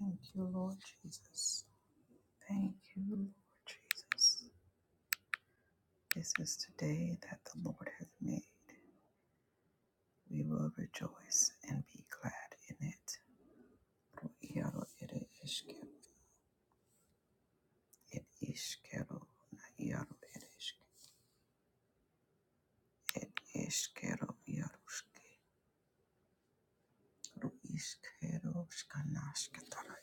Thank you, Lord Jesus. Thank you, Lord Jesus. This is the day that the Lord has made. We will rejoice and be glad in it. Ro Iaro ere eskero, et iskero, na iaro ere esk, et eskero iaruske, ru iskero skanasketara,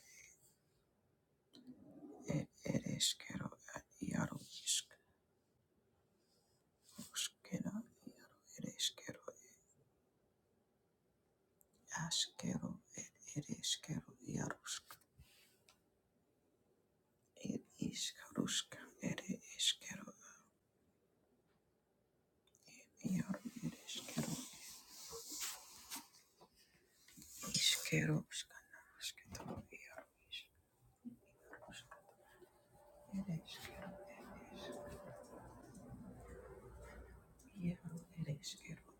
et ere eskero, et iaro isk, ruskera iaro ere eskero, askero, et ere eskero iarusk. ir iškaruška ir iškeru ir ir iškeru iškeruška naškito ir iškaruška ir iškeru ir ir iškeru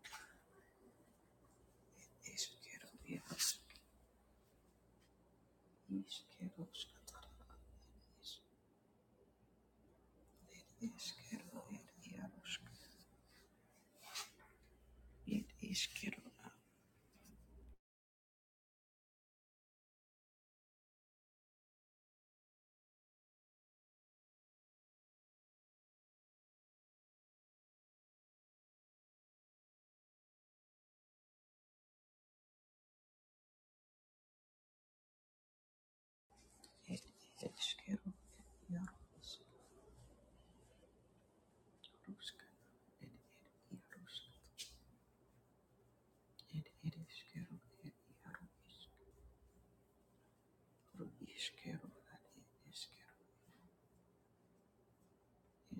iškeru ir iškeruška tara ir iškeru ir jaruška ir iškeru ir iškeru ir jaruška ir ir jaruška ir ir iškeru ir jaruška Ru iskero ad ed eskero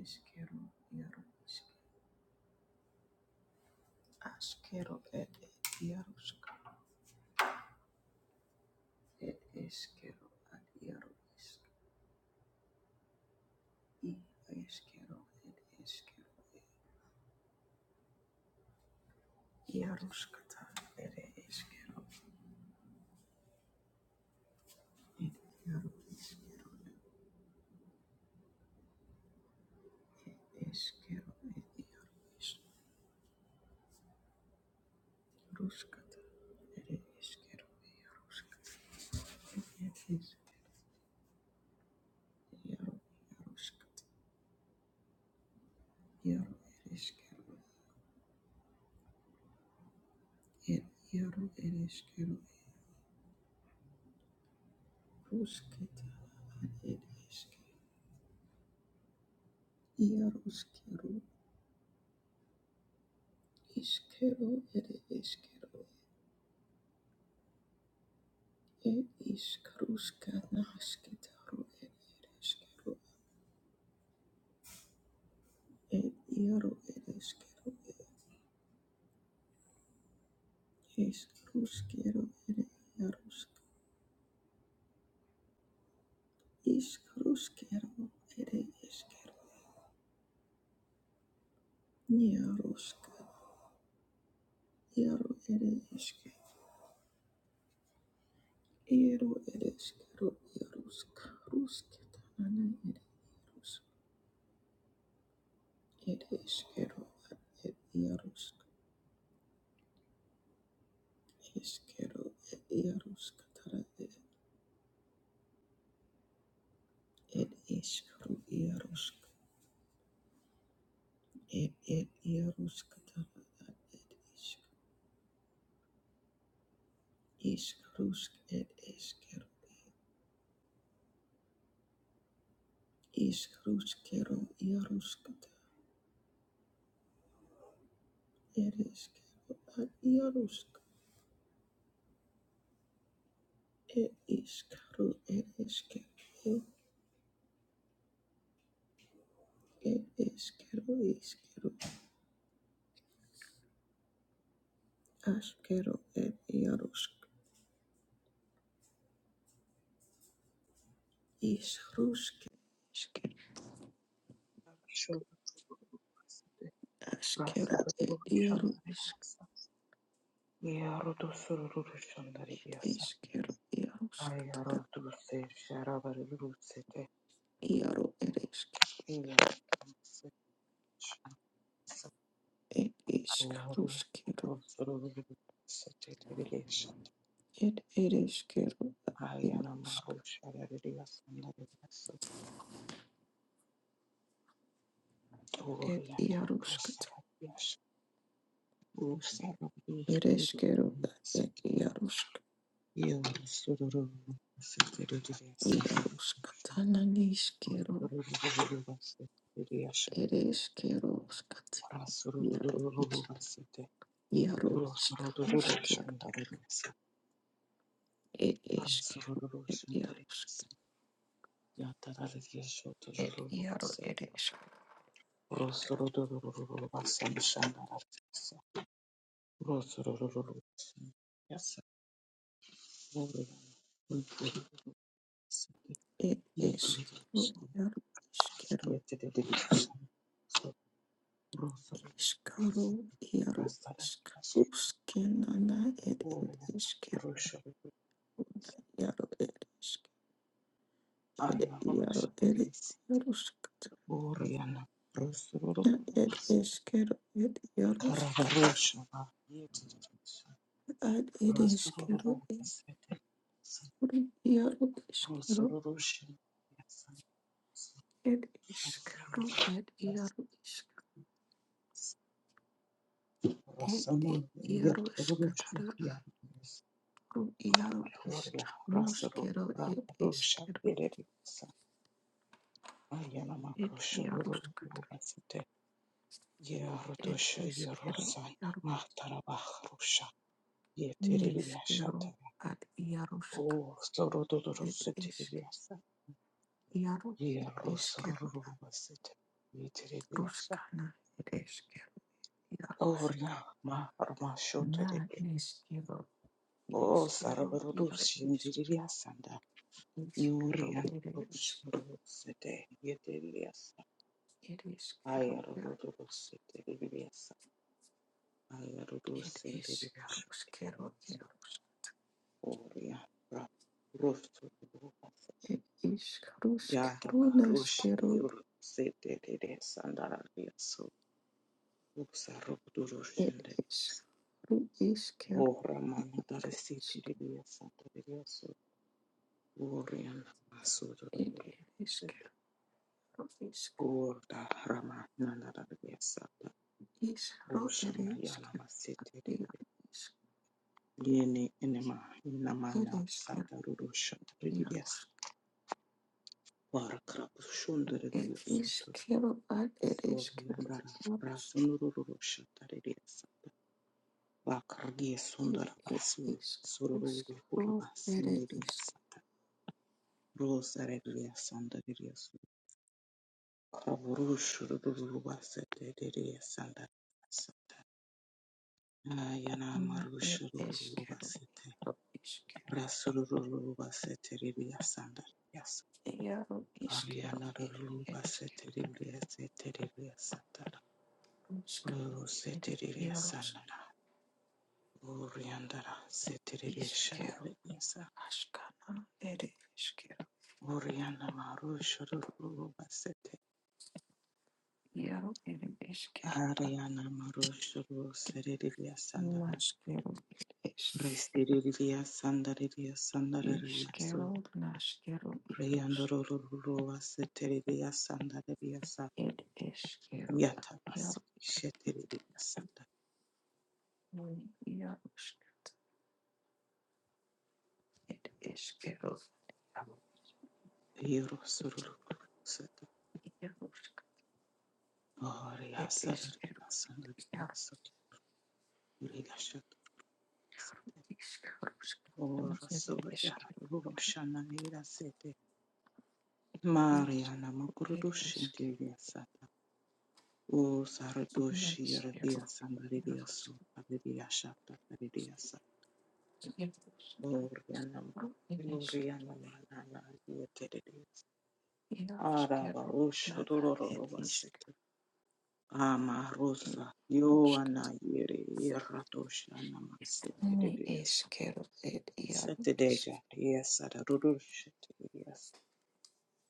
eskero iaru iske askero ed ed iaruska ed eskero ad iaru isk i eskero ed eskero ed iaruskata ed eskero ed iaru iskero eskero ed iaru isk ruskata ed eskero iaruska ed is iaru iaruskata iaru ed eskero ed iaru ed eskero Rusketa ed iske iaruskero iskero ed iskero ed iskruska nasketaro ed iskero ed iaro ed iskero ed iskruskero ed iarusk iskruskero ed iskero niaruska iaro ed iske iaro ed iskero iarusk rusketana ed iarus It is Kero at Yarusk, is Kero at Yarusk, Tara it is Kru Yarusk, it at Yarusk, Tara it is is Krusk, it is Kero, is Krusk, Kero Yarusk, it is Kero at Yarusk, it is Kru, it is Kero, it is Kero, is Kero, Ash Kero at Yarusk, is Krusk. Thank you. Ashkero ed iaro isk ed eskero iaroskatara iaro ed esk ed iskaruskero ed ed eskero iarosk ed iaroskata ed eskero ed iarosk iaroskatana Yes, niskero ed eskero skati iaro isk iaro iskaruskero ed eskero ed iarosk ed iaro eresk ir išskyrų ir išskyrų išskyrų ir išskyrų skinana ir ir išskyrų ir ir išskyrų ir ir Araboshiris, išskyrų skana Boriana, Rosuru, ir išskyrų ir jaruskana, Karabarosha, Yetis, ir skana ir išskyrų Rosuru, Sete, ir ir išskyrų Rosurushi, ir išskyrų ir ir išskyrų ir jaru iškanuskero, ir Rasamu, Iaro Yeturushi, skatara, Yanis, iaro isk, Gloria, Rasuru, noskero, ed Rabarosha, eskero, Yetis, Ayana Ed Makrosuru, Yaroshkat, Sete, Ed Yerudosha, Eskero, Yerusan, Yaro, Matarabah, Ye Yeteriyashata. Neskero, Ad Yaroshka, Oh, soro dororo Ed Esk, seteriya sa. Yaro, Ye Eskero, Yerosorororobasete. Yeteriyasha. Ruskana, Ed Eskero, Oh, Yaroshka, ya ma arma shoto Na, ramashotorebe. Neskero, Oh, Eskero, Yaro, Esk, sarabaroroshindiriyasanda. Eskero, Ed Eskero, Yuriyanoroshorosete. Yeteriyasa. Ed Eskero, Yaro, Ayarororositeriyasa. Ed Eskero, Skero, Ayarodosindiriyashotorose. Yarosk, Oh, ya ra- rosororobasete. Ed Eskero, Skero, Yadabarush Naskero, Yurusidede Sandaria so Ed Uxarudurushindes Eskero, O Ramana Roisk, Darisitidia Sandaria so Urian Asuduru erisk, Sit roisk, Gorda Ramana Daria Sata is ro Usham erisk, Yalama Sete de. erisk, Yeni Enema erisk, Namana erisk, erisk, Sataruru Shatridias Varakrapushundaridias ad erisk, Soriandara erisk, Rasunuru Shataridias Bakargi Sundara Basu erisk, Sururu rusk, ro Sindhya erisk, Sata Rosaria Sandaria Su, Kavurush Shuru Basete Sandar Sata Ayana na marush erisk, Shuru Basete roisk, Rasuru Basete Ria Sandar Yes ero isk, ro Ariana Ruru erisk, Basete Ria Sete Ria Sata ruskana, Rosete Ria erisk, Sandara Oriandara Sete Ria Iskero, askana, ere, iskero. Oriana Marushuru Basete Iaro ir iškėro, Ariana Marushuru Seridia Sandara atnaškėro ir Restiria Sandaria Sandaria Su iškėro, naškėro ir Riandoro Seteria Sandaria Sa ir iškėro, iaro, Yatabasi Sheteria Sanda iaruškėro, ir iškėro, iaruškėro, Eurosuru Seta Oria ir Sadaria iškėro, iaro, iškėruškėro, ir iškėro, ir Sandaria Su Rigashat Sete iškėro, ir iškėro, Ora naškėro, Suria iaruškėro, Roshana Sete Mariana iaruškėro, ir Makurudushin iškėro, Divya Sata O Saradushi Radia Samaridia So Haridia Shata Haridia sata. O Rianama Yurianama Nana Yatedis Araba Iashkero Rush na ed Rorova ishk Sete Ama ed Rosa yarushkat Yoana Yeri Iratosha Nama ne Setedias ishkero ed yaru ishk Setedega Yes Saradush Yes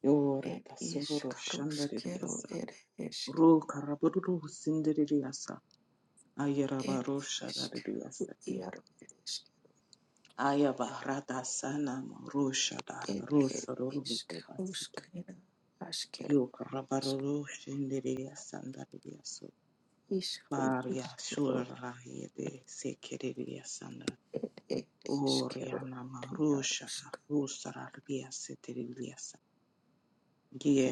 Yora ed ishkarushkero Tasurushandaridiasa ed ishk Ro Karaburus ed Ayarabarosha da de ishkero Diasate. yaru ishk Ayabarata Sanam roshada da ed ed Rosa Rubasate. ishkarushkero ashkero ishk Yukarabaroro Shindiria Sanda Diaso. ishru Baria ishkero Shurahide Sekiria Sanda. ed ed ishkero Oriana ed Marusha da yarushk Rosa Diasate Diasa.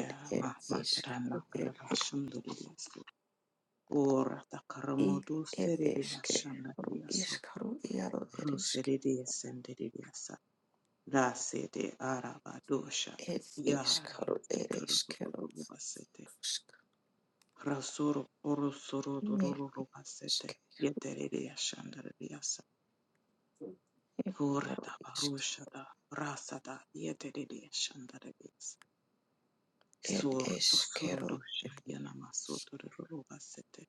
ed ed ishkaru Mahmatrana ed Karashanduriaso. Ora i Takaramudu ed Seridia ishke ru Shandariaso. ishkaru yaru Ruseridia Sendirias. Dasete arabadosha It is yari called it is called it basete is called rasoro orosoro dororo basete yeterere yashandare yasa it is ora called da barusha da rasa da yeterere yashandare yasa it sor to soro dosha yana masoto dororo basete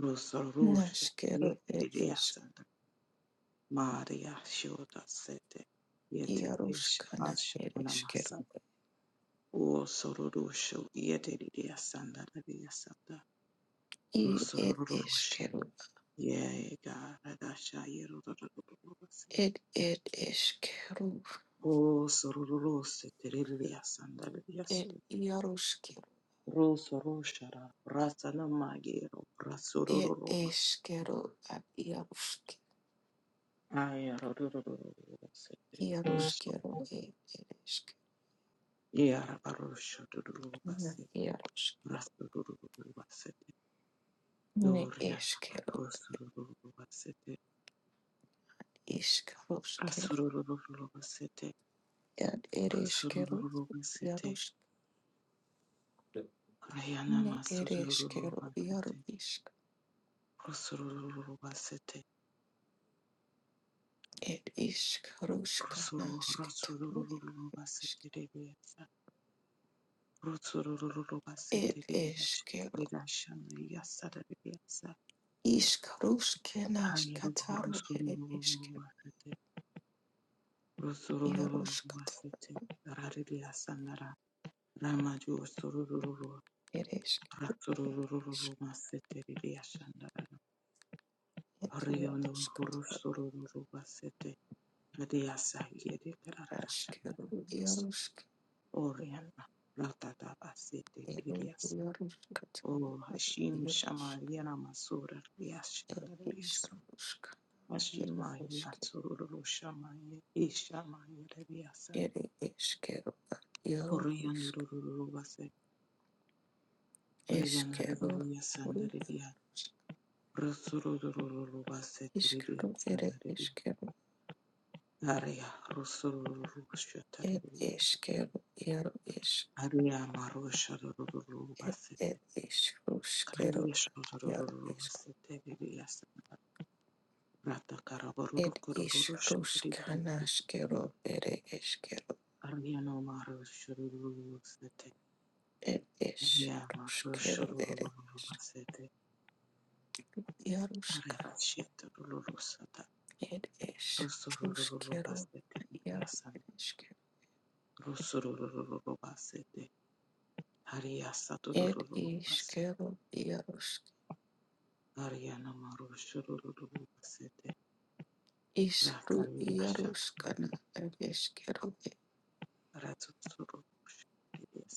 rosoro rosha is called it yeterere is yasandare maria shoda sete yete ish Yaruskana ash it ona is called O sororosho yedidya sanda didya sanda it is rosororosho called yeah God adasha yerororororose it it is called O sororose teridya sanda didya it sanda Yarusk rosorosho magero it rasororomas is called at Yarusk ay rororororose Yaruskero it it is yeah rabarosho called dororobase Yarusk rasorororobase it is yoriana called rosorororobase is called Yad ereshkero, Rusururu basete, yarosh, Rayana ne masururu ereshkero, yaro basete, ishk, Rusururu basete, ed ishk, roshka, Rusuru, nashketaro, Rusururu ereshk, basete rebiasa, Rusururu ed basete rebiasa, eshkero, Rirashana yasara rebiasa, ishk, roshke, Rayaru nashkataro, ed Rusururu eshkero, basete, Rusururu yaroshkataro, basete, Raribiasa nara, Ramaju Sururu, ereshk, ishk, Rasururu basete rebiasa nara, ed Rayono yaroshkataro, Rusururu basete, Adiasa yede kararasha ashkero, yadadis yaroshk, oriana ratata asete ed kirias o yaroshkataro, ed hashim yaroshk, shamariana masura rias ed ishk, andarias roshka, ed mashima yasururu shamaye ishama yadadiasa Ere eskero iaro oriana isk rururu base oriana eskero rururias ru andaria rusururu base iskero tiririas ere andaria eskero aria rusururu et shataririas eskero iaro isk aria marusha rururu et base et iskruskero Hariya iaro isk et iskruskanaskero ere eskero et iskruskero ere isk iaruska et iskruskero iaro ere eskero et iskero iarusk Ishru iaruskana ereshkero e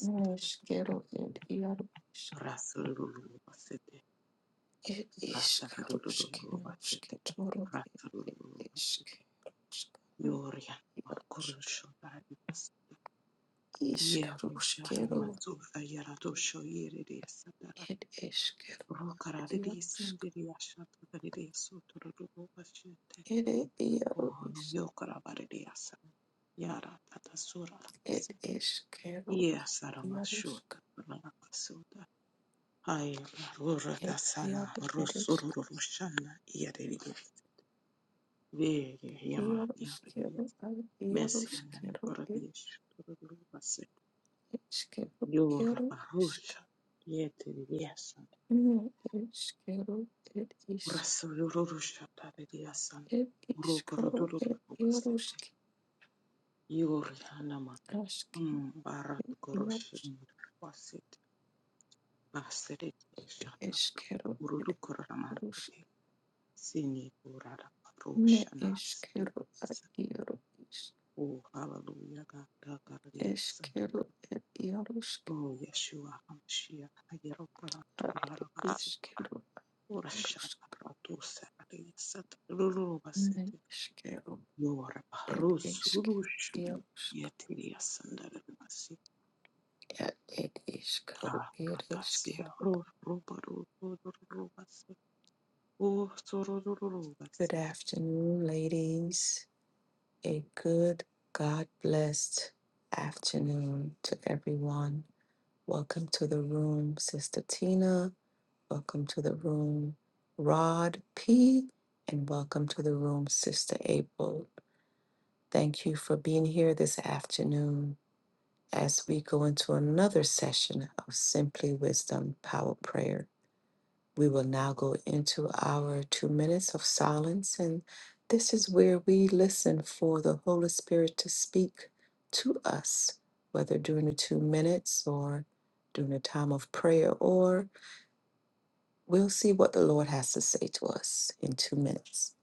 neshkero ed iarusk Rasululubasete, ed Ratakarulubasete, ishkaruskenosketoro ed Rasululubasete, ishkaruskana Yoria, iarusk Kurusho, Daribas, Yewe, ishkaruskero Sharama, Zulfa, Yaradosho, Yeride, Sadara, ed eshkero Rokaradi, iarusk Sindiri, Ashatakari, Soturubasete, ed iaru Kono, isk Yokarabari, Asa, Yara, Tatasura, ed eshkero Yasarama, iarusk Shura, Rasuda, Ay, Rura, ed sana iaru ereshk Rusurushan, Yeride, Vele yama yabilia iaruskero ad Messi anale iaruskero ed korabiesh korabase eshkero yora iarusk barusha yete liasa Ne iskero, et isk, raso yorusha tabiliasa et uro iskro, korodoro et basete iarusk, yori hanama ask, mm barat et koroshe iarusk, basete basere et shata eskero, et ururu iarusk, koramante sini urara ne barusha nas eskero, at iaru o hallelujah god god eskero, yes et iarusk, O Yeshua HaMashiach, at Hayarabaraturabasete, iskero, at iarusk, Urashabaratusaradiyasata, ne Lulubasete, iskero, et Yorabarus, iskero, Rulushin, iarusk, Yetiriyasandaramasete, at et iskero, et Aradasya, iskero. Ro- Robaru- Rorobasete, O Good Sorororobasete. afternoon, ladies. A good, God blessed afternoon to everyone. Welcome to the room, Sister Tina. Welcome to the room, Rod P. And welcome to the room, Sister April. Thank you for being here this afternoon as we go into another session of Simply Wisdom Power Prayer. We will now go into our two minutes of silence, and this is where we listen for the Holy Spirit to speak to us, whether during the two minutes or during a time of prayer, or we'll see what the Lord has to say to us in two minutes.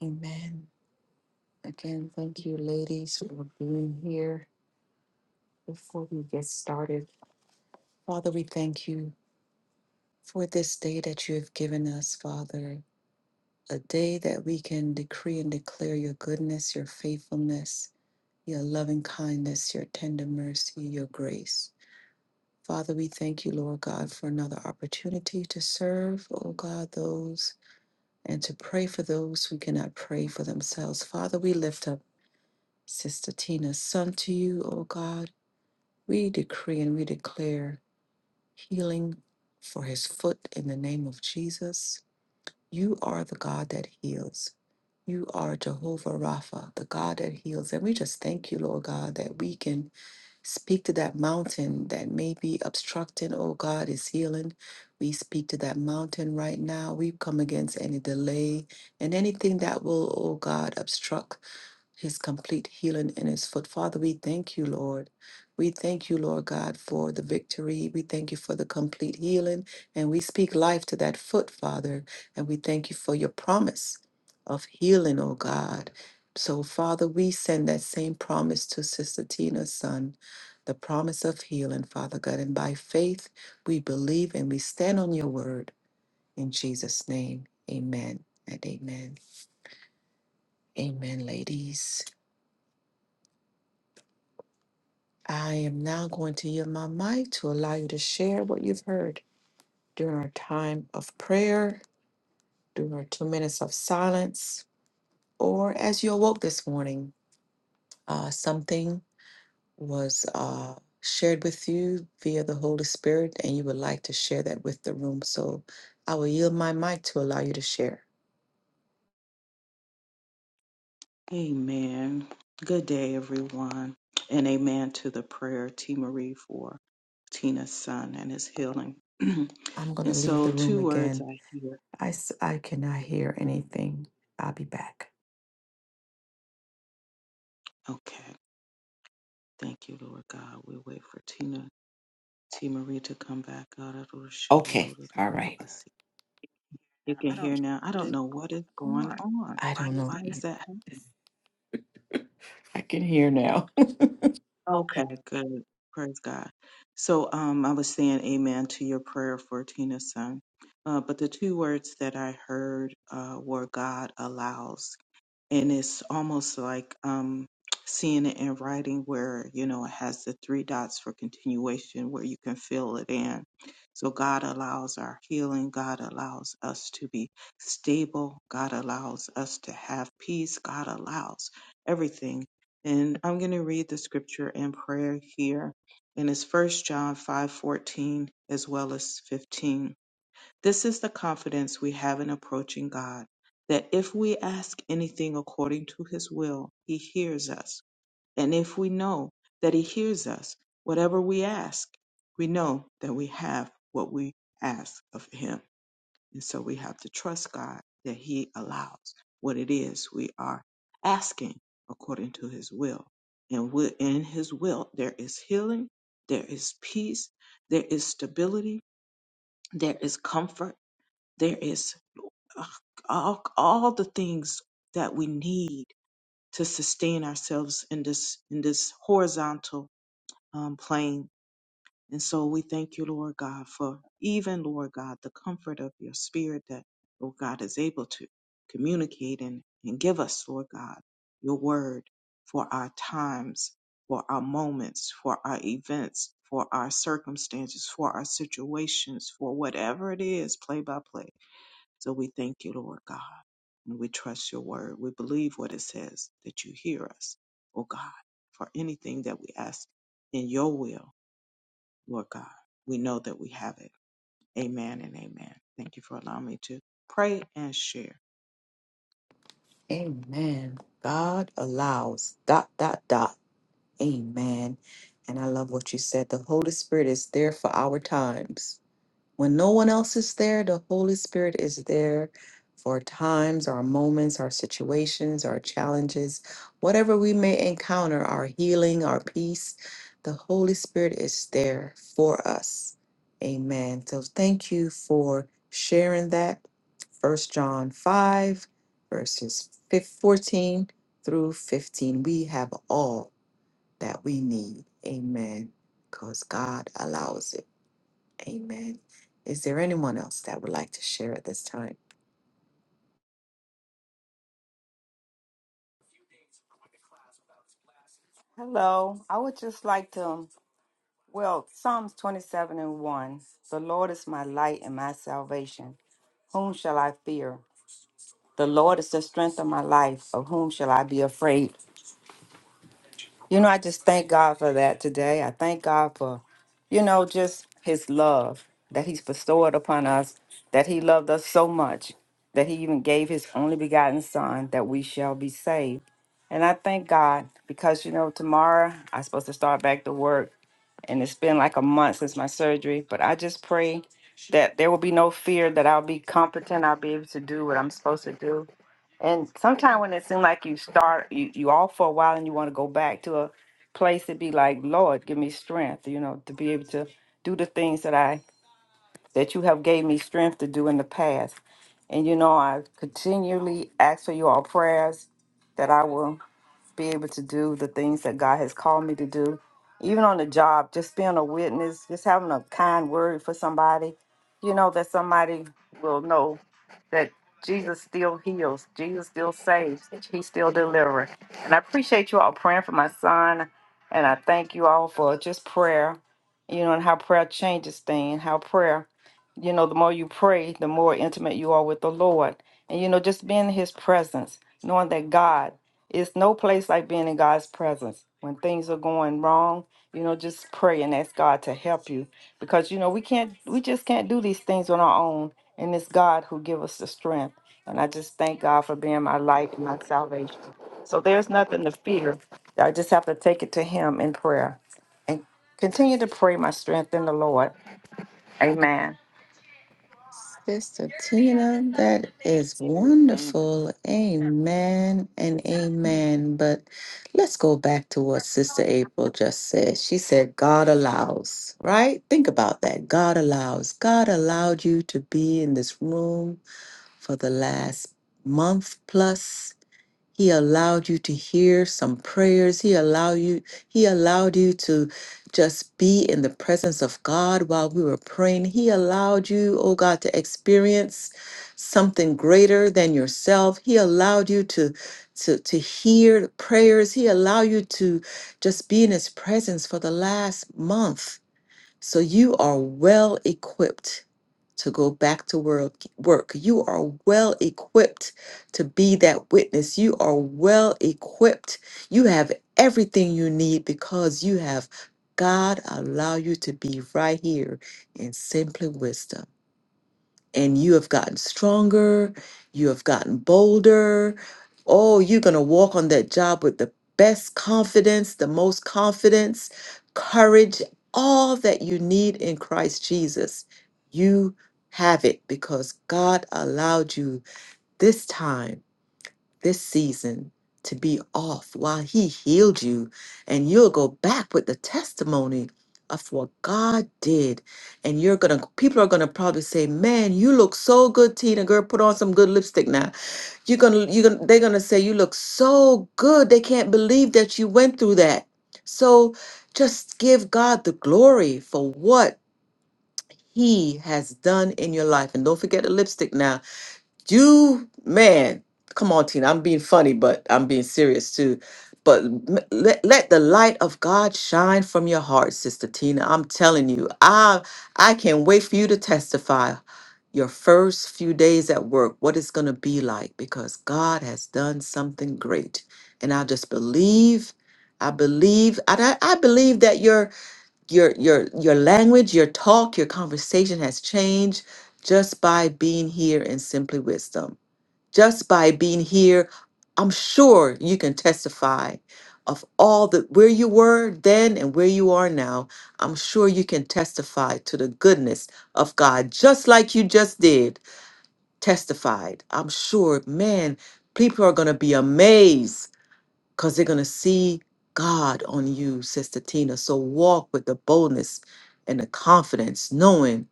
Amen. Again, thank you, ladies, for being here. Before we get started, Father, we thank you for this day that you have given us, Father. a day that we can decree and declare your goodness, your faithfulness, your loving kindness, your tender mercy, your grace. Father, we thank you, Lord God, for another opportunity to serve, oh God, those and to pray for those who cannot pray for themselves. Father, we lift up Sister Tina's son to you, oh God. We decree and we declare healing for his foot in the name of Jesus You are the God that heals. You are Jehovah Rapha, the God that heals. And we just thank you, Lord God, that we can speak to that mountain that may be obstructing, oh God, is healing. We speak to that mountain right now. We come against any delay and anything that will, oh God, obstruct his complete healing in his foot. Father, we thank you, Lord. We thank you, Lord God, for the victory. We thank you for the complete healing. And we speak life to that foot, Father. And we thank you for your promise of healing, oh God. So, Father, we send that same promise to Sister Tina's son, the promise of healing, Father God. And by faith, we believe and we stand on your word. In Jesus' name, amen and amen. Amen, ladies. I am now going to yield my mic to allow you to share what you've heard during our time of prayer, during our two minutes of silence, or as you awoke this morning. Uh, something was uh, shared with you via the Holy Spirit, and you would like to share that with the room. So I will yield my mic to allow you to share. Amen. Good day, everyone, and amen to the prayer, T. Marie, for Tina's son and his healing. I'm going to And leave the so, room two words again. I hear. I, s- I cannot hear anything. I'll be back. Okay. Thank you, Lord God. We wait for Tina, T. Marie to come back. Okay. All right. You can I don't hear know now. I what don't is know what is going going on. on. I don't know. Why that? is either. that happening? I can hear now. Okay. Okay, good. good. Praise God. So um, I was saying amen to your prayer for Tina's son. Uh, but the two words that I heard uh, were God allows and it's almost like um, seeing it in writing where you know it has the three dots for continuation where you can fill it in so god allows our healing god allows us to be stable god allows us to have peace god allows everything and i'm going to read the scripture in prayer here and it's first john 5:14 as well as 15 this is the confidence we have in approaching God, that if we ask anything according to his will, he hears us. And if we know that he hears us, whatever we ask, we know that we have what we ask of him. And so we have to trust God that he allows what it is we are asking according to his will. And wi- in his will, there is healing, there is peace, there is stability, there is comfort, there is all, all the things that we need to sustain ourselves in this in this horizontal um, plane. And so we thank you, Lord God, for even Lord God, the comfort of your spirit that Lord God is able to communicate and, and give us, Lord God, your word for our times, for our moments, for our events, for our circumstances, for our situations, for whatever it is, play by play so we thank you, Lord God. And we trust your word. We believe what it says that you hear us, oh God, for anything that we ask in your will, Lord God. We know that we have it. Amen and amen. Thank you for allowing me to pray and share. Amen. God allows. Dot, dot, dot. Amen. And I love what you said. The Holy Spirit is there for our times. When no one else is there, the Holy Spirit is there for times, our moments, our situations, our challenges, whatever we may encounter, our healing, our peace. The Holy Spirit is there for us. Amen. So thank you for sharing that. First John 5, verses fif- 14 through 15. We have all that we need. Amen. Because God allows it. Amen. Is there anyone else that would like to share at this time? Hello. I would just like to, well, Psalms 27 and 1. The Lord is my light and my salvation. Whom shall I fear? The Lord is the strength of my life. Of whom shall I be afraid? You know, I just thank God for that today. I thank God for, you know, just his love that he's bestowed upon us, that he loved us so much that he even gave his only begotten son that we shall be saved. And I thank God because, you know, tomorrow I'm supposed to start back to work and it's been like a month since my surgery. But I just pray that there will be no fear that I'll be competent, I'll be able to do what I'm supposed to do. And sometimes when it seems like you start, you, you off for a while and you want to go back to a place to be like, Lord, give me strength, you know, to be able to do the things that I that you have gave me strength to do in the past. And you know, I continually ask for your prayers that I will be able to do the things that God has called me to do, even on the job, just being a witness, just having a kind word for somebody, you know, that somebody will know that Jesus still heals, Jesus still saves, He still delivers. And I appreciate you all praying for my son, and I thank you all for just prayer, you know, and how prayer changes things, how prayer, you know, the more you pray, the more intimate you are with the Lord. And, you know, just being in His presence, knowing that God, it's no place like being in God's presence. When things are going wrong, you know, just pray and ask God to help you because you know we can't we just can't do these things on our own and it's God who give us the strength. And I just thank God for being my life and my salvation. So there's nothing to fear. I just have to take it to him in prayer and continue to pray my strength in the Lord. Amen. Sister Tina, that is Amen. wonderful. Amen and amen. But let's go back to what Sister April just said. She said, God allows, right? Think about that. God allows. God allowed you to be in this room for the last month plus. He allowed you to hear some prayers. He allowed you, he allowed you to just be in the presence of God while we were praying. He allowed you, oh God, to experience something greater than yourself. He allowed you to to, to hear prayers. He allowed you to just be in his presence for the last month so you are well equipped to go back to work. Work. You are well equipped to be that witness. You are well equipped. You have everything you need because you have God allow you to be right here in simply wisdom and you have gotten stronger, you have gotten bolder. Oh, you're going to walk on that job with the best confidence, the most confidence, courage, all that you need in Christ Jesus. You have it because God allowed you this time this season to be off while He healed you, and you'll go back with the testimony of what God did. And you're gonna, people are gonna probably say, "Man, you look so good, Tina. Girl, put on some good lipstick now." You're gonna, you're gonna, they're gonna say, "You look so good." They can't believe that you went through that. So, just give God the glory for what He has done in your life, and don't forget the lipstick now you man, come on, Tina. I'm being funny, but I'm being serious too. But m- let, let the light of God shine from your heart, Sister Tina. I'm telling you, I I can't wait for you to testify your first few days at work, what it's gonna be like, because God has done something great. And I just believe, I believe, I, I I believe that you're your your your language, your talk, your conversation has changed just by being here in Simply Wisdom. Just by being here, I'm sure you can testify of all the where you were then and where you are now. I'm sure you can testify to the goodness of God, just like you just did. Testified. I'm sure, man, people are gonna be amazed because they're going to see God on you, Sister Tina. So walk with the boldness and the confidence, knowing,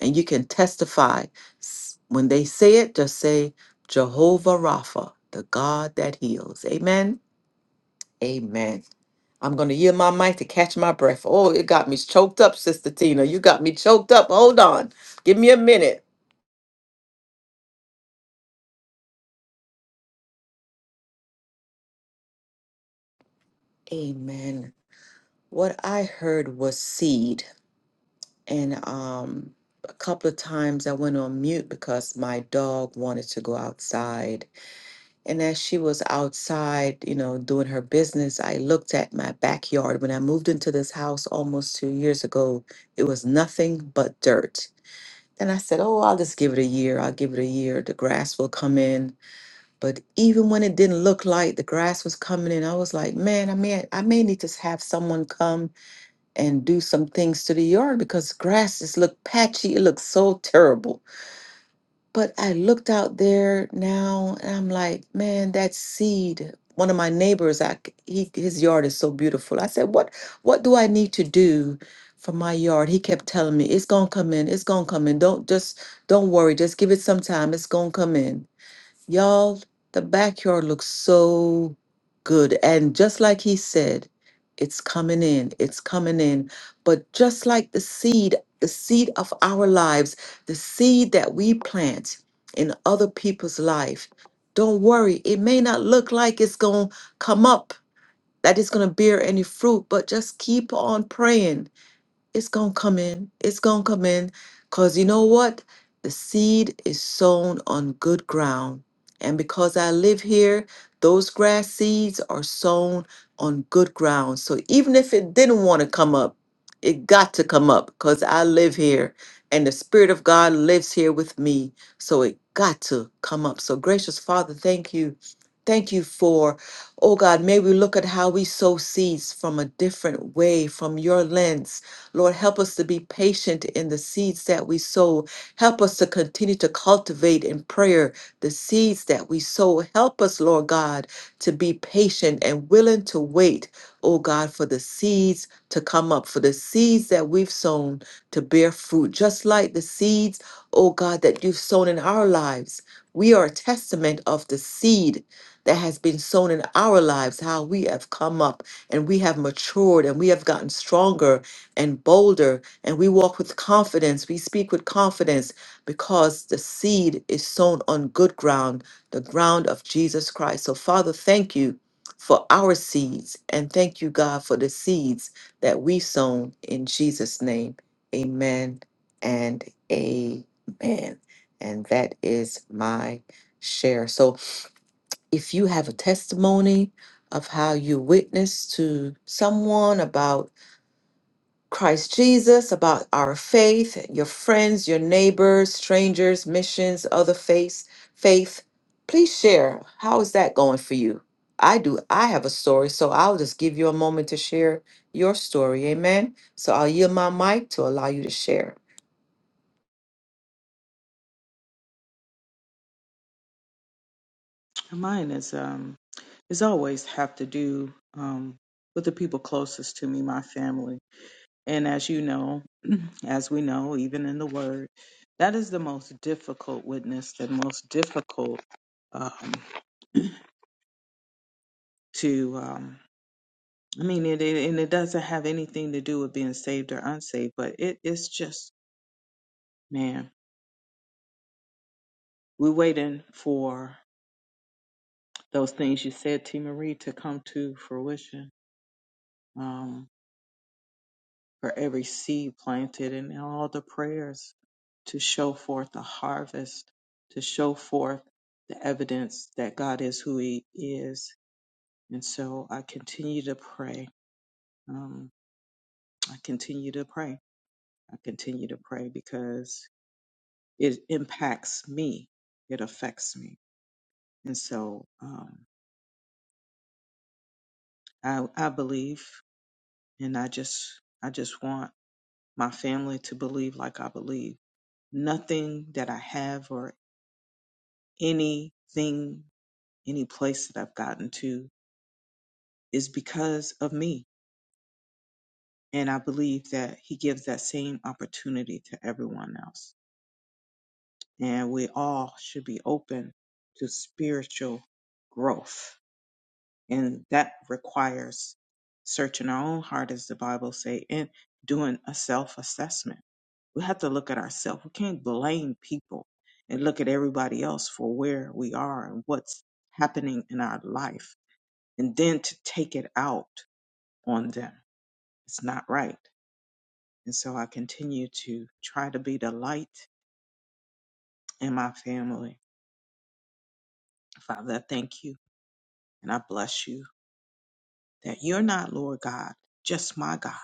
and you can testify. S- When they say it, just say, Jehovah Rapha, the God that heals. Amen. Amen. I'm going to yield my mic to catch my breath. Oh, it got me choked up, Sister Tina. You got me choked up. Hold on. Give me a minute. Amen. What I heard was seed. And um, a couple of times I went on mute because my dog wanted to go outside. And as she was outside, you know, doing her business, I looked at my backyard. When I moved into this house almost two years ago, it was nothing but dirt. And I said, Oh, I'll just give it a year. I'll give it a year. The grass will come in. But even when it didn't look like the grass was coming in, I was like, man, I may I may need to have someone come and do some things to the yard because grasses look patchy. It looks so terrible. But I looked out there now and I'm like, man, that seed. One of my neighbors, I, c- he, his yard is so beautiful. I said, what what do I need to do for my yard? He kept telling me, it's gonna come in, it's gonna come in. Don't just don't worry, just give it some time. It's gonna come in. Y'all, the backyard looks so good. And just like he said, it's coming in, it's coming in. But just like the seed, the seed of our lives, the seed that we plant in other people's life, don't worry, it may not look like it's going to come up, that it's going to bear any fruit, but just keep on praying it's going to come in. It's going to come in because you know what? The seed is sown on good ground. And because I live here, those grass seeds are sown on good ground. So even if it didn't want to come up, it got to come up because I live here and the Spirit of God lives here with me. So it got to come up. So, gracious Father, thank you. Thank you for, oh God, may we look at how we sow seeds from a different way, from your lens Lord, help us to be patient in the seeds that we sow. Help us to continue to cultivate in prayer the seeds that we sow. Help us, Lord God, to be patient and willing to wait, oh God, for the seeds to come up, for the seeds that we've sown to bear fruit, just like the seeds, oh God, that you've sown in our lives. We are a testament of the seed that has been sown in our lives, how we have come up and we have matured and we have gotten stronger and bolder, and we walk with confidence. We speak with confidence because the seed is sown on good ground, the ground of Jesus Christ. So, Father, thank you for our seeds, and thank you, God, for the seeds that we've sown in Jesus' name. Amen and amen. And that is my share. So, if you have a testimony of how you witnessed to someone about Christ Jesus, about our faith, your friends, your neighbors, strangers, missions, other faiths, faith. Please share. How is that going for you? I do. I have a story, so I'll just give you a moment to share your story. Amen. So I'll yield my mic to allow you to share. Mine is um is always have to do um with the people closest to me, my family. And as you know, as we know, even in the word, that is the most difficult witness, the most difficult um, to, um, I mean, it, it, and it doesn't have anything to do with being saved or unsaved, but it is just, man, we're waiting for those things you said, T. Marie, to come to fruition. Um, for every seed planted and all the prayers to show forth the harvest, to show forth the evidence that God is who He is. And so I continue to pray. Um, I continue to pray. I continue to pray because it impacts me, it affects me. And so um, I, I believe, and I just, I just want my family to believe like I believe. Nothing that I have or anything, any place that I've gotten to is because of me. And I believe that he gives that same opportunity to everyone else. And we all should be open to spiritual growth. And that requires searching our own heart, as the Bible say, and doing a self-assessment. We have to look at ourselves. We can't blame people and look at everybody else for where we are and what's happening in our life and then to take it out on them. It's not right. And so I continue to try to be the light in my family. Father, I thank you and I bless you that you're not Lord God, just my God.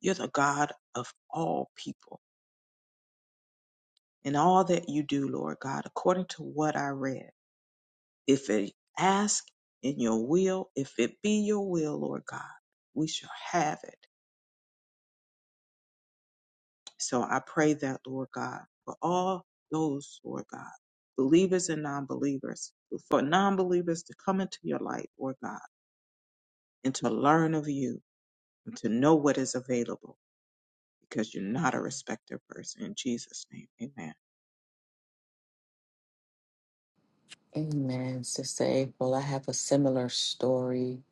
You're the God of all people and all that you do, Lord God, according to what I read. If it ask in your will, if it be your will, Lord God, we shall have it So I pray that, Lord God, for all those, Lord God, believers and non believers, for non believers to come into your light, Lord God, and to learn of you and to know what is available because you're not a respecter of person. In Jesus' name, amen. Amen, Sister April. I have a similar story.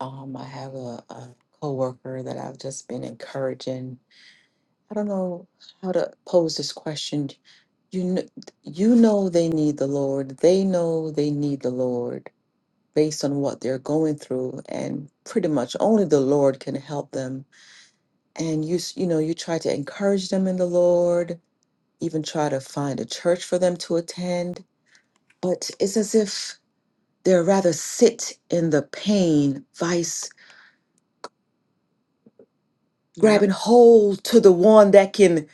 Um, I have a, a coworker that I've just been encouraging. I don't know how to pose this question You kn- you know they need the Lord. They know they need the Lord based on what they're going through and pretty much only the Lord can help them. And you s- you know, you try to encourage them in the Lord, even try to find a church for them to attend, but it's as if they're rather sit in the pain vice Yep. grabbing hold to the one that can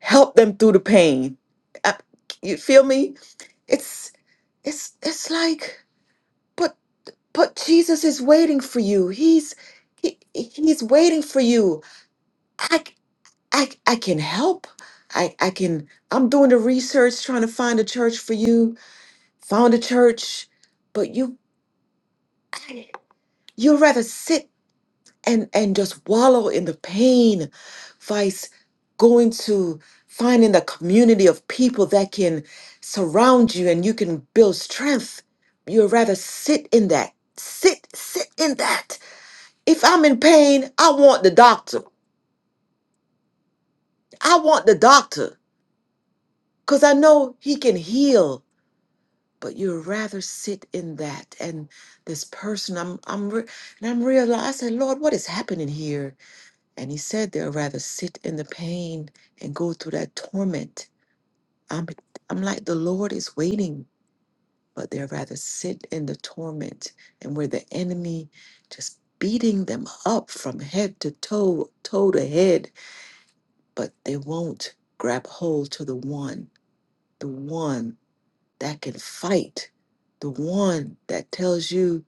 help them through the pain. I- You feel me? It's it's it's like But Jesus is waiting for you. He's he, he's waiting for you. I I I can help. I I can I'm doing the research trying to find a church for you. Found a church, but you you'd rather sit and and just wallow in the pain vice going to finding the community of people that can surround you and you can build strength. You'd rather sit in that. Sit sit in that If I'm in pain, I want the doctor. I want the doctor because I know he can heal. But you'd rather sit in that and this person. I'm I'm re- and I'm realizing, Lord, what is happening here? And He said they'll rather sit in the pain and go through that torment. I'm I'm like the Lord is waiting, but they'd rather sit in the torment and where the enemy just beating them up from head to toe, toe to head but they won't grab hold to the one, the one that can fight, the one that tells you,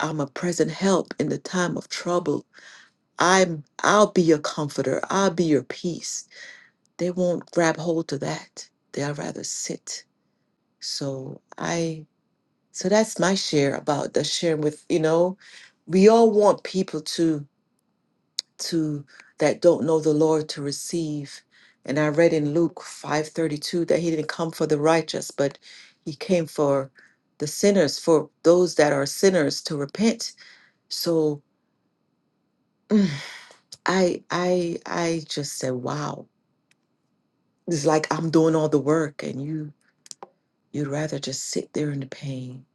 I'm a present help in the time of trouble. I'm I'll be your comforter. I'll be your peace. They won't grab hold to that. They'll rather sit. So I so that's my share about the sharing with, you know, we all want people to to that don't know the Lord to receive. And I read in Luke 5:32 that he didn't come for the righteous, but he came for the sinners, for those that are sinners to repent. So mm, I I I just said, wow. It's like I'm doing all the work and you you'd rather just sit there in the pain,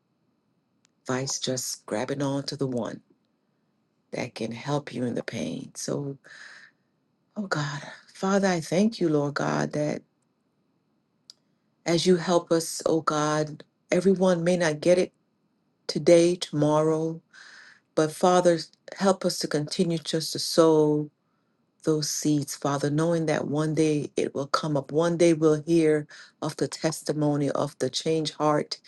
vice just grabbing on to the one that can help you in the pain. So, oh God, Father, I thank you, Lord God, that as you help us, oh God. Everyone may not get it today, tomorrow, but Father, help us to continue just to sow those seeds, Father, knowing that one day it will come up. One day we'll hear of the testimony of the change heart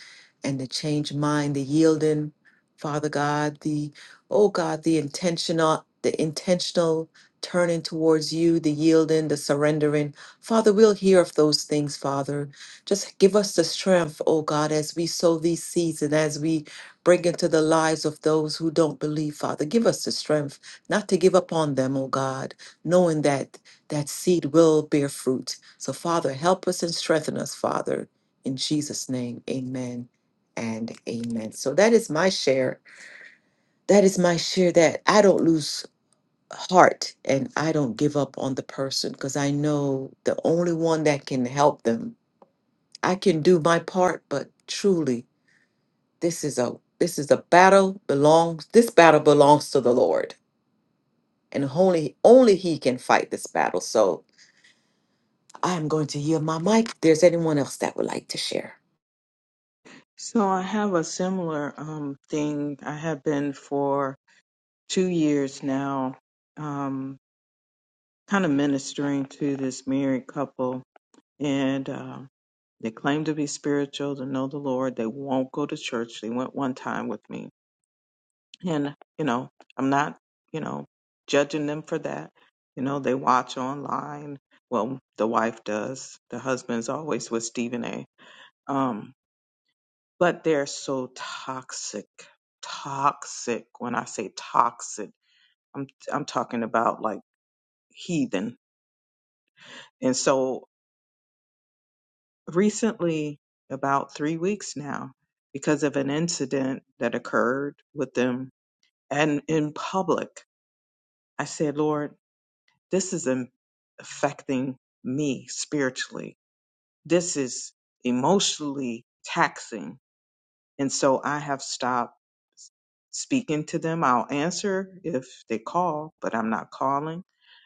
and the change mind, the yielding, Father God, the oh God, the intentional, the intentional turning towards you, the yielding, the surrendering. Father, we'll hear of those things, Father. Just give us the strength, oh God, as we sow these seeds and as we bring into the lives of those who don't believe, Father. Give us the strength not to give up on them, oh God knowing that that seed will bear fruit. So, Father, help us and strengthen us, Father. In Jesus' name, amen and amen. So, that is my share. That is my share that I don't lose heart and I don't give up on the person because I know the only one that can help them. I can do my part, but truly, this is a this is a battle belongs this battle belongs to the Lord and only only he can fight this battle. So I'm going to yield my mic. If there's anyone else that would like to share. So I have a similar um, thing. I have been for two years now. Um, kind of ministering to this married couple, and um, they claim to be spiritual, to know the Lord. They won't go to church. They went one time with me, and you know, I'm not, you know, judging them for that. You know, they watch online. Well, the wife does. The husband's always with Stephen A. Um, but they're so toxic, toxic. When I say toxic, I'm I'm talking about like heathen. And so recently, about three weeks now, because of an incident that occurred with them and in public. I said, Lord, this is im- affecting me spiritually. This is emotionally taxing. And so I have stopped s- speaking to them. I'll answer if they call, but I'm not calling.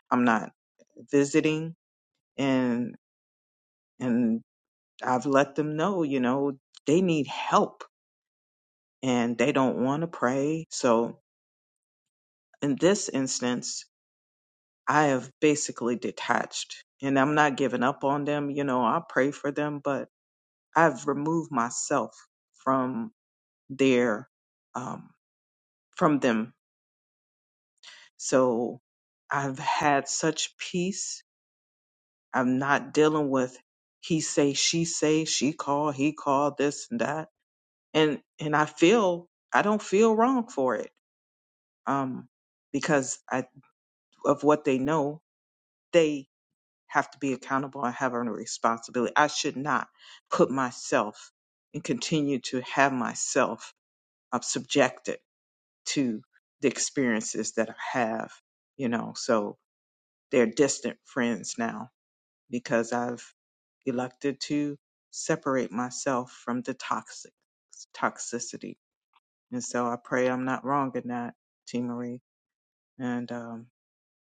I'm not visiting and and I've let them know, you know, they need help and they don't want to pray. So in this instance, I have basically detached and I'm not giving up on them. You know, I pray for them, but I've removed myself from their, um, from them. So I've had such peace. I'm not dealing with he say, she say, she call, he call, this and that. And, and I feel, I don't feel wrong for it. Um, because I, of what they know they have to be accountable and have a responsibility. I should not put myself and continue to have myself uh, subjected to the experiences that I have, you know. So they're distant friends now because I've elected to separate myself from the toxic toxicity. And so I pray I'm not wrong in that, T Marie. And um,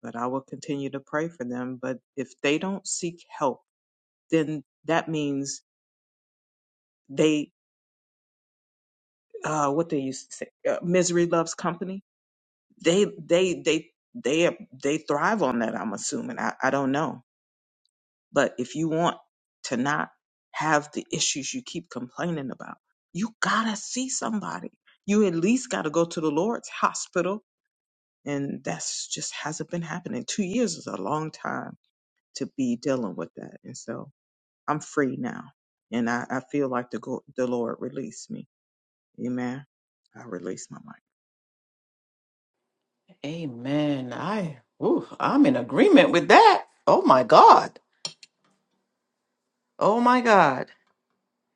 but I will continue to pray for them. But if they don't seek help then that means they uh what they used to say uh, misery loves company they they they they they thrive on that i'm assuming I, I don't know but if you want to not have the issues you keep complaining about you gotta see somebody you at least gotta go to the lord's hospital and that's just hasn't been happening two years is a long time to be dealing with that and so i'm free now and i, I feel like the, go- the lord released me Amen. I release my mic. Amen. I ooh, I'm in agreement with that. Oh my God. Oh my God.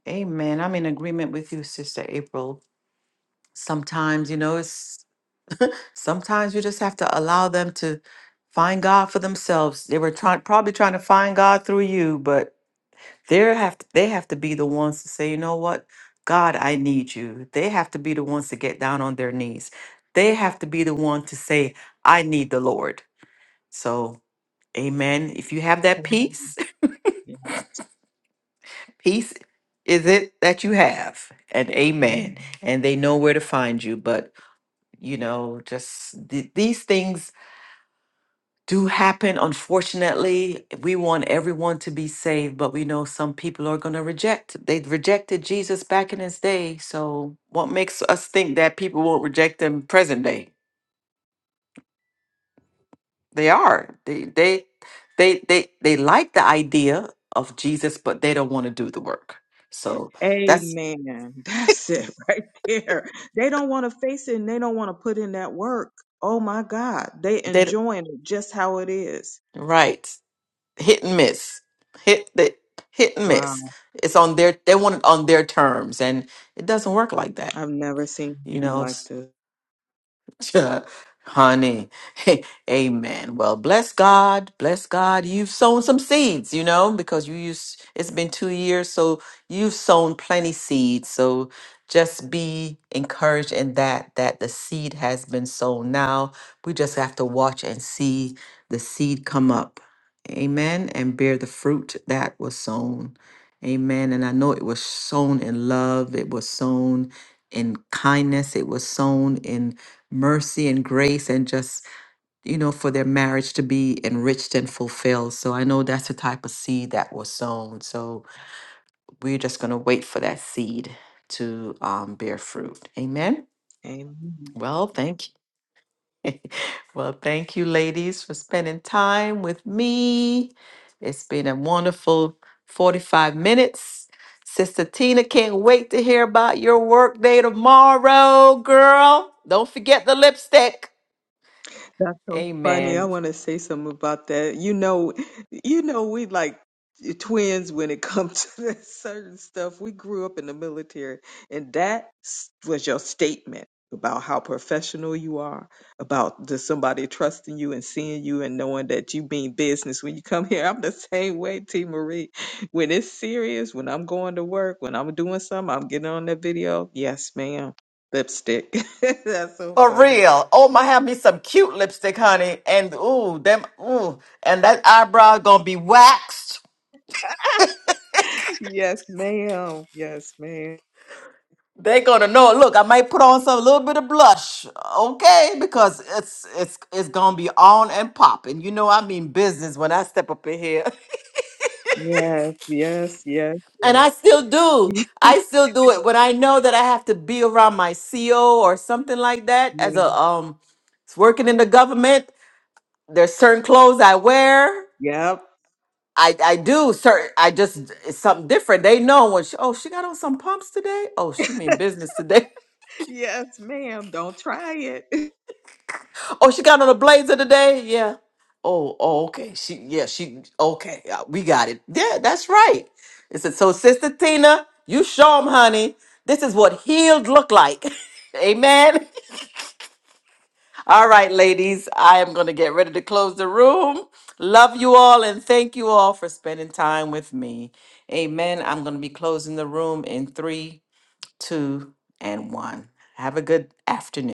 Amen. I'm in agreement with you, Sister April. Sometimes, you know, it's sometimes you just have to allow them to find God for themselves. They were trying probably trying to find God through you, but They have to, they have to be the ones to say, you know what, God, I need you. They have to be the ones to get down on their knees. They have to be the one to say, I need the Lord. So, Amen. If you have that peace, Amen. Yeah. peace is it that you have, and Amen. Amen. And they know where to find you. But you know, just th- these things do happen. Unfortunately, we want everyone to be saved, but we know some people are going to reject. They rejected Jesus back in his day. So, what makes us think that people won't reject him present day? They are. They they they they they like the idea of Jesus, but they don't want to do the work. So that's Amen. That's it right there. They don't want to face it and they don't want to put in that work. Oh my God. They they d- enjoying it just how it is. right. Hit and miss. Hit the hit and Wow. miss. It's on their they want it on their terms, and it doesn't work like that. I've never seen You anything know. like this. Honey, amen. Well, bless God, bless God. You've sown some seeds, you know, because you used it's been two years, so you've sown plenty seeds. So just be encouraged in that that the seed has been sown. Now we just have to watch and see the seed come up, amen, and bear the fruit that was sown, amen. And I know it was sown in love. It was sown in kindness. It was sown in mercy and grace and just you know for their marriage to be enriched and fulfilled so i know that's the type of seed that was sown so we're just going to wait for that seed to um, bear fruit amen Amen. well thank you well thank you ladies for spending time with me it's been a wonderful 45 minutes Sister Tina can't wait to hear about your work day tomorrow, girl. Don't forget the lipstick. That's so funny. I Amen. want to say something about that. You know, you know, we like twins when it comes to that certain stuff. We grew up in the military, and that s- was your statement about how professional you are, about just somebody trusting you and seeing you and knowing that you mean business when you come here. I'm the same way, T. Marie. When it's serious, when I'm going to work, when I'm doing something, I'm getting on that video. Yes, ma'am. Lipstick. That's so For funny. real. Oh my, have me some cute lipstick, honey. And ooh, them ooh, and that eyebrow gonna be waxed. Yes, ma'am. Yes, ma'am. They gonna know. Look, I might put on some little bit of blush, okay? Because it's it's it's gonna be on and popping. You know, I mean business when I step up in here, Yes, yes, yes, and yes. I still do. I still do it when I know that I have to be around my CO or something like that as yes. a um working in the government. There's certain clothes I wear Yep. I I do certain. I just it's something different. They know when she. Oh, she got on some pumps today. Oh, she mean business today. Yes, ma'am. Don't try it. Oh, she got on a blazer today. Yeah. Oh, oh, okay. She yeah. She okay. uh, We got it. Yeah, that's right. It's a, so, Sister Tina, you show 'em, honey. This is what healed look like. Amen. All right, ladies. I am gonna get ready to close the room. Love you all and thank you all for spending time with me. Amen. I'm gonna be closing the room in three two, and one. Have a good afternoon.